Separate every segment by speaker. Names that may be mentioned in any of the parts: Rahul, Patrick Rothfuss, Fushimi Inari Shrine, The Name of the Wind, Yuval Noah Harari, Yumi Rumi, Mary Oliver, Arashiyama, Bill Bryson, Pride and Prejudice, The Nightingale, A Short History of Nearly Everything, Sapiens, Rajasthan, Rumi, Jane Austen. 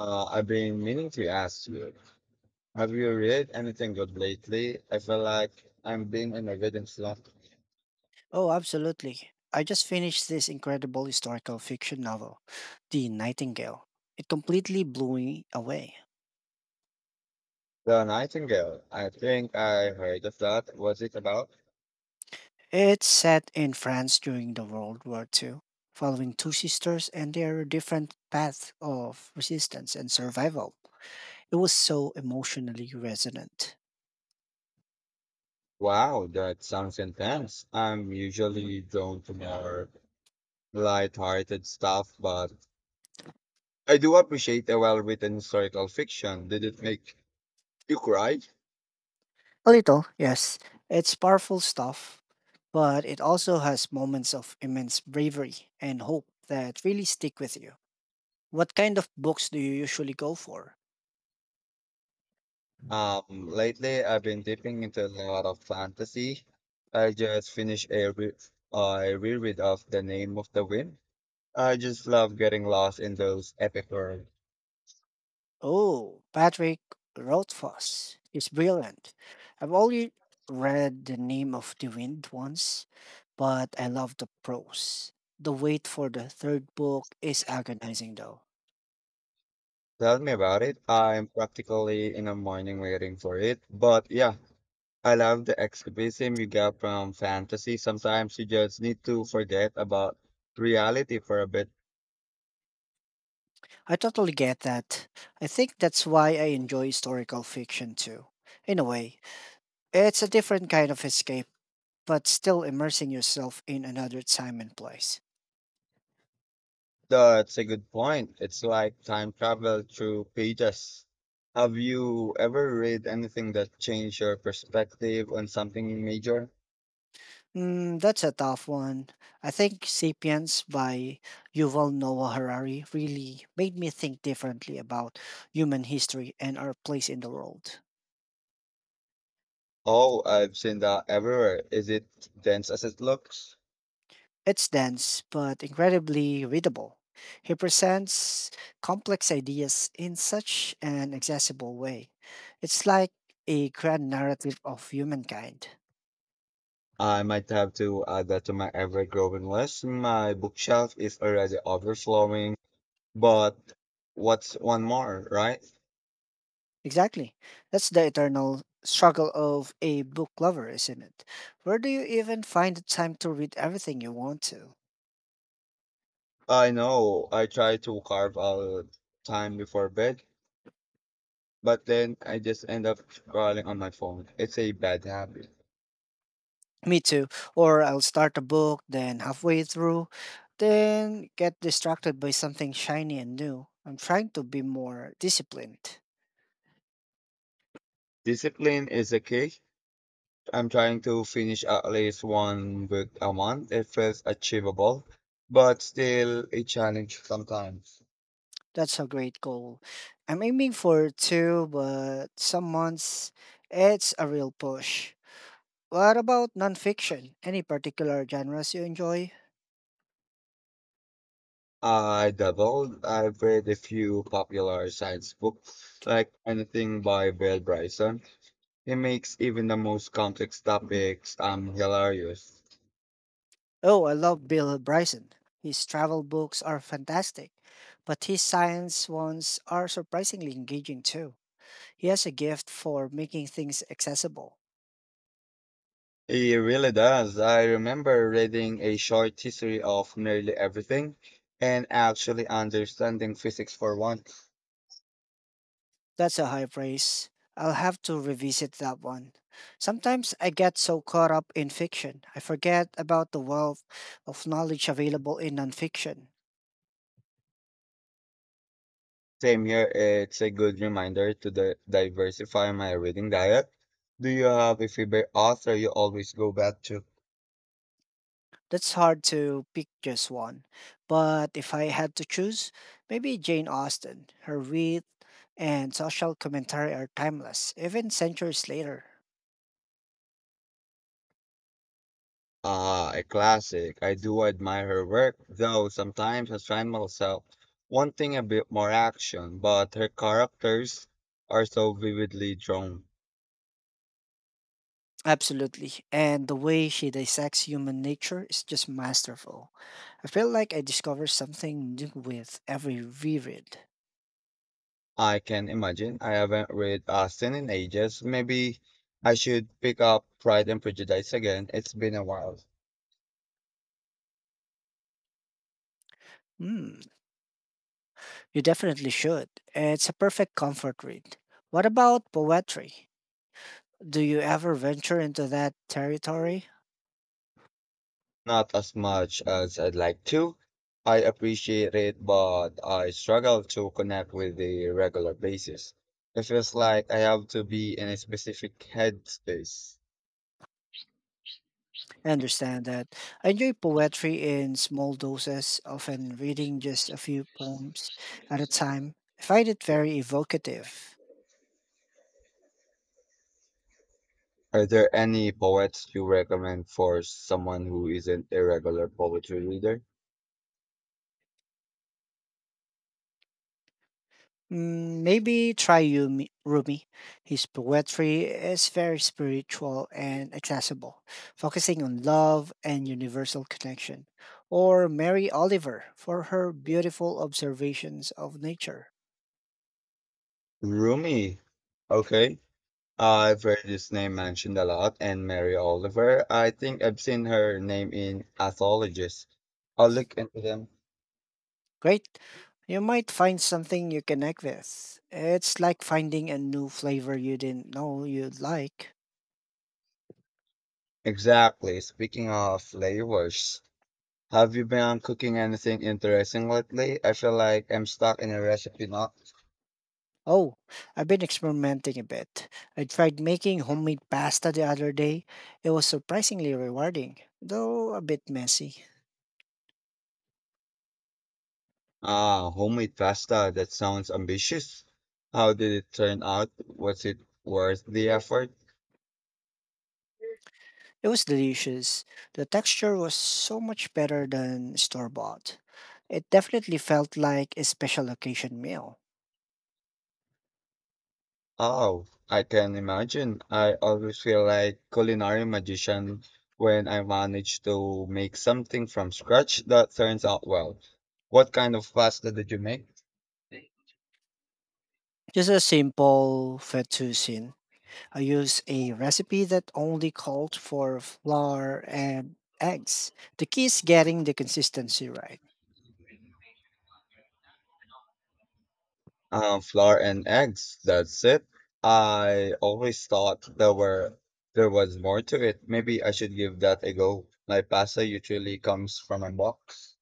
Speaker 1: I've been meaning to ask you, have you read anything good lately? I feel like I'm being in a reading slump.
Speaker 2: Oh, absolutely. I just finished this incredible historical fiction novel, The Nightingale. It completely blew me away.
Speaker 1: The Nightingale, I think I heard of that. What's it about?
Speaker 2: It's set in France during the World War II, following two sisters and their different paths of resistance and survival. It was so emotionally resonant.
Speaker 1: Wow, that sounds intense. I'm usually drawn to more light-hearted stuff, but I do appreciate a well-written historical fiction. Did it make you cry?
Speaker 2: A little, yes. It's powerful stuff, but it also has moments of immense bravery and hope that really stick with you. What kind of books do you usually go for?
Speaker 1: Lately I've been dipping into a lot of fantasy. I just finished a reread of The Name of the Wind. I just love getting lost in those epic worlds.
Speaker 2: Oh, Patrick Rothfuss is brilliant. I've only read The Name of the Wind once, but I love the prose. The wait for the third book is agonizing, though.
Speaker 1: Tell me about it. I'm practically in the morning waiting for it. But yeah, I love the escapism you get from fantasy. Sometimes you just need to forget about reality for a bit.
Speaker 2: I totally get that. I think that's why I enjoy historical fiction too. In a way, it's a different kind of escape, but still immersing yourself in another time and place.
Speaker 1: That's a good point. It's like time travel through pages. Have you ever read anything that changed your perspective on something major?
Speaker 2: That's a tough one. I think Sapiens by Yuval Noah Harari really made me think differently about human history and our place in the world.
Speaker 1: Oh, I've seen that everywhere. Is it dense as it looks?
Speaker 2: It's dense, but incredibly readable. He presents complex ideas in such an accessible way. It's like a grand narrative of humankind.
Speaker 1: I might have to add that to my ever-growing list. My bookshelf is already overflowing, but what's one more, right?
Speaker 2: Exactly. That's the eternal struggle of a book lover, isn't it? Where do you even find the time to read everything you want to?
Speaker 1: I know. I try to carve out time before bed but then I just end up scrolling on my phone. It's a bad habit.
Speaker 2: Me too. Or I'll start a book, then halfway through, then get distracted by something shiny and new. I'm trying to be more disciplined.
Speaker 1: Discipline is the key. I'm trying to finish at least one book a month. It feels achievable, but still a challenge sometimes.
Speaker 2: That's a great goal. I'm aiming for two, but some months it's a real push. What about nonfiction? Any particular genres you enjoy?
Speaker 1: I doubled. I've read a few popular science books, like anything by Bill Bryson. He makes even the most complex topics hilarious.
Speaker 2: Oh, I love Bill Bryson. His travel books are fantastic, but his science ones are surprisingly engaging too. He has a gift for making things accessible.
Speaker 1: It really does. I remember reading A Short History of Nearly Everything and actually understanding physics for once.
Speaker 2: That's a high praise. I'll have to revisit that one. Sometimes I get so caught up in fiction, I forget about the wealth of knowledge available in nonfiction.
Speaker 1: Same here, it's a good reminder to diversify my reading diet. Do you have a favorite author you always go back to?
Speaker 2: That's hard to pick just one. But if I had to choose, maybe Jane Austen. Her wit and social commentary are timeless, even centuries later.
Speaker 1: Ah, a classic. I do admire her work, though sometimes I find myself wanting a bit more action, but her characters are so vividly drawn.
Speaker 2: Absolutely. And the way she dissects human nature is just masterful. I feel like I discover something new with every reread.
Speaker 1: I can imagine. I haven't read Austen in ages. Maybe I should pick up Pride and Prejudice again. It's been a while.
Speaker 2: Hmm, you definitely should. It's a perfect comfort read. What about poetry? Do you ever venture into that territory?
Speaker 1: Not as much as I'd like to. I appreciate it, but I struggle to connect with the regular basis. It feels like I have to be in a specific headspace.
Speaker 2: I understand that. I enjoy poetry in small doses, often reading just a few poems at a time. I find it very evocative.
Speaker 1: Are there any poets you recommend for someone who isn't a regular poetry reader?
Speaker 2: Maybe try Yumi, Rumi. His poetry is very spiritual and accessible, focusing on love and universal connection. Or Mary Oliver for her beautiful observations of nature.
Speaker 1: Rumi. Okay. I've heard this name mentioned a lot, and Mary Oliver. I think I've seen her name in Anthologies. I'll look into them.
Speaker 2: Great. You might find something you connect with. It's like finding a new flavor you didn't know you'd like.
Speaker 1: Exactly. Speaking of flavors, have you been cooking anything interesting lately? I feel like I'm stuck in a recipe not
Speaker 2: Oh, I've been experimenting a bit. I tried making homemade pasta the other day. It was surprisingly rewarding, though a bit messy.
Speaker 1: ah homemade pasta. That sounds ambitious. How did it turn out? Was it worth the effort?
Speaker 2: It was delicious. The texture was so much better than store bought. It definitely felt like a special occasion meal.
Speaker 1: Oh, I can imagine. I always feel like culinary magician when I manage to make something from scratch that turns out well. What kind of pasta did you make?
Speaker 2: Just a simple fettuccine. I used a recipe that only called for flour and eggs. The key is getting the consistency right.
Speaker 1: Flour and eggs. That's it. I always thought there was more to it. Maybe I should give that a go. My pasta usually comes from a box.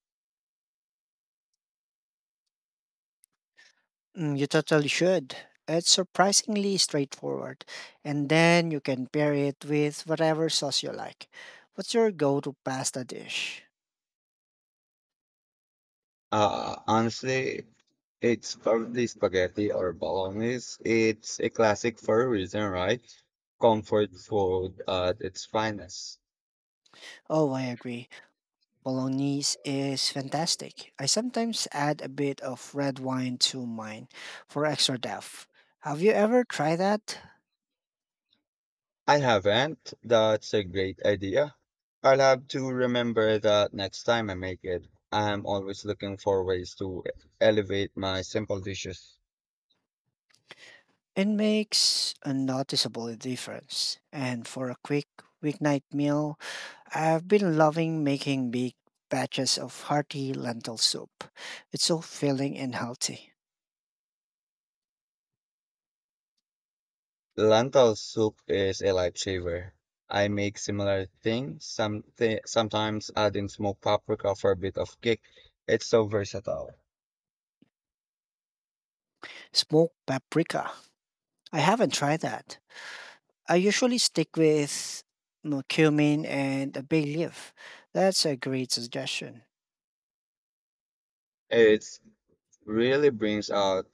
Speaker 2: You totally should. It's surprisingly straightforward. And then you can pair it with whatever sauce you like. What's your go to pasta dish?
Speaker 1: Honestly, it's probably spaghetti or bolognese. It's a classic for a reason, right? Comfort food at its finest.
Speaker 2: Oh, I agree. Bolognese is fantastic. I sometimes add a bit of red wine to mine for extra depth. Have you ever tried that?
Speaker 1: I haven't. That's a great idea. I'll have to remember that next time I make it. I'm always looking for ways to elevate my simple dishes.
Speaker 2: It makes a noticeable difference. And for a quick weeknight meal, I've been loving making big batches of hearty lentil soup. It's so filling and healthy.
Speaker 1: Lentil soup is a lifesaver. I make similar things, sometimes adding smoked paprika for a bit of kick. It's so versatile.
Speaker 2: Smoked paprika. I haven't tried that. I usually stick with cumin and a bay leaf. That's a great suggestion.
Speaker 1: It really brings out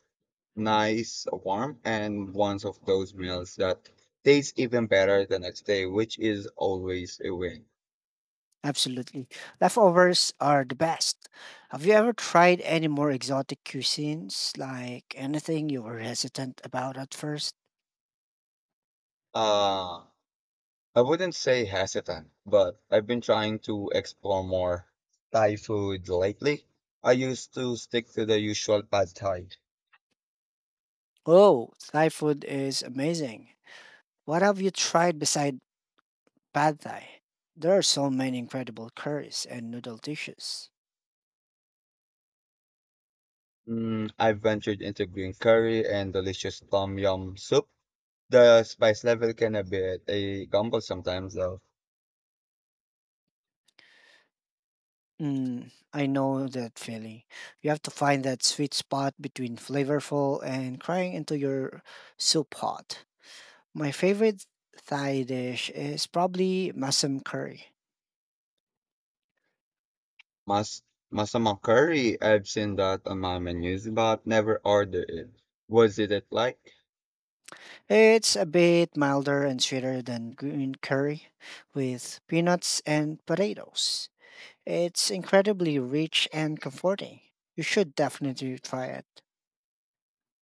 Speaker 1: nice warmth and ones of those meals that tastes even better the next day, which is always a win.
Speaker 2: Absolutely. Leftovers are the best. Have you ever tried any more exotic cuisines? Like anything you were hesitant about at first?
Speaker 1: Uh, I wouldn't say hesitant, but I've been trying to explore more Thai food lately. I used to stick to the usual pad thai.
Speaker 2: Oh, Thai food is amazing. What have you tried beside pad thai? There are so many incredible curries and noodle dishes.
Speaker 1: I've ventured into green curry and delicious tom yum soup. The spice level can be a bit a gamble sometimes, though.
Speaker 2: I know that feeling. You have to find that sweet spot between flavorful and crying into your soup pot. My favorite Thai dish is probably masam curry.
Speaker 1: Mas masama curry, I've seen that on my menus, but never ordered it. Was it like?
Speaker 2: It's a bit milder and sweeter than green curry with peanuts and potatoes. It's incredibly rich and comforting. You should definitely try it.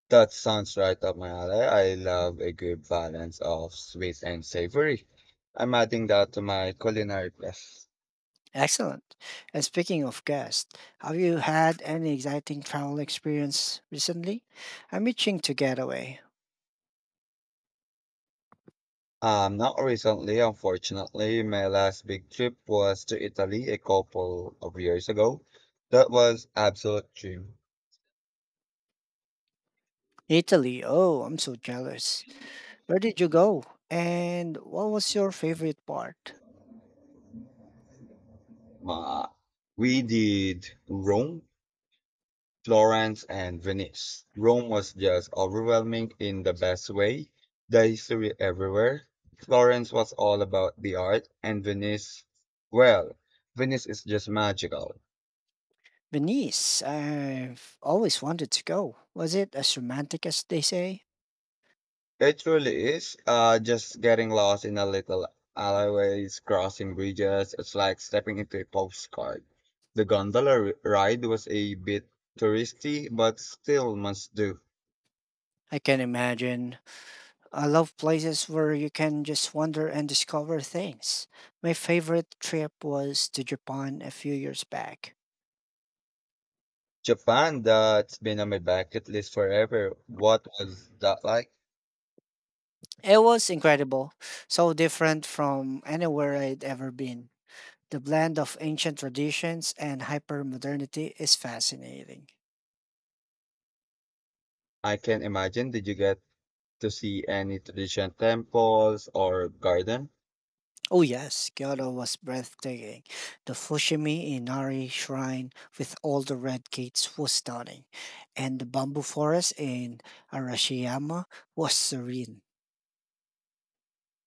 Speaker 1: That sounds right up my alley. I love a good balance of sweet and savory. I'm adding that to my culinary quest.
Speaker 2: Excellent. And speaking of guests, have you had any exciting travel experience recently? I'm itching to get away.
Speaker 1: Not recently, unfortunately. My last big trip was to Italy a couple of years ago. That was absolute dream.
Speaker 2: Italy. Oh, I'm so jealous. Where did you go? And what was your favorite part?
Speaker 1: Uh, we did Rome, Florence, and Venice. Rome was just overwhelming in the best way. The history everywhere. Florence was all about the art, and Venice, well, Venice is just magical.
Speaker 2: Venice. I've always wanted to go. Was it as romantic as they say?
Speaker 1: It truly is. Just getting lost in a little alleyways, crossing bridges. It's like stepping into a postcard. The ride was a bit touristy, but still must do.
Speaker 2: I can imagine. I love places where you can just wander and discover things. My favorite trip was to Japan a few years back.
Speaker 1: Japan, that's been on my bucket list forever. What was that like?
Speaker 2: It was incredible, so different from anywhere I'd ever been. The blend of ancient traditions and hyper modernity is fascinating.
Speaker 1: I can imagine. Did you get to see any traditional temples or garden?
Speaker 2: Oh, yes, Kyoto was breathtaking. The Fushimi Inari Shrine with all the red gates was stunning, and the bamboo forest in Arashiyama was serene.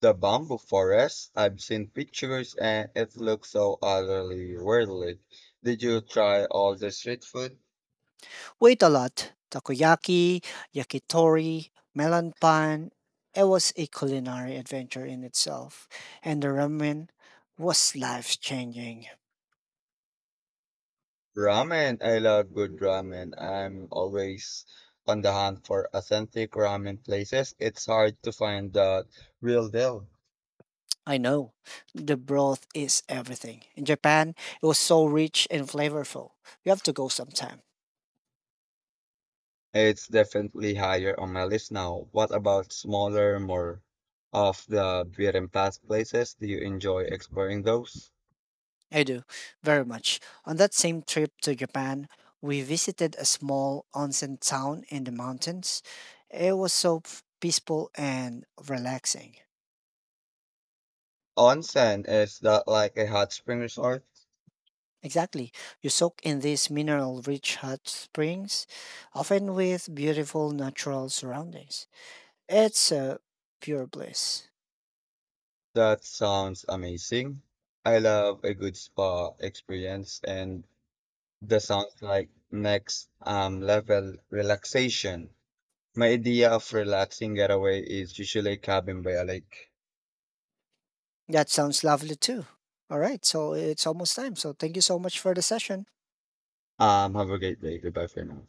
Speaker 1: The bamboo forest. I've seen pictures and it looks so utterly worldly. Did you try all the street food?
Speaker 2: Wait a lot. Takoyaki, yakitori, melon pan. It was a culinary adventure in itself, and the ramen was life changing.
Speaker 1: Ramen. I love good ramen. I'm always on the hunt for authentic ramen places. It's hard to find the real deal.
Speaker 2: I know. The broth is everything. In Japan, it was so rich and flavorful. You have to go sometime.
Speaker 1: It's definitely higher on my list now. What about smaller, more of the beaten path places? Do you enjoy exploring those?
Speaker 2: I do, very much. On that same trip to Japan, we visited a small onsen town in the mountains. It was so peaceful and relaxing.
Speaker 1: Onsen, is that like a hot spring resort?
Speaker 2: Exactly. You soak in these mineral rich hot springs, often with beautiful natural surroundings. It's pure bliss.
Speaker 1: That sounds amazing. I love a good spa experience and that sounds like next level relaxation. My idea of relaxing getaway is usually a cabin by a lake.
Speaker 2: That sounds lovely too. All right, so it's almost time. So thank you so much for the session.
Speaker 1: Have a great day. Goodbye for now.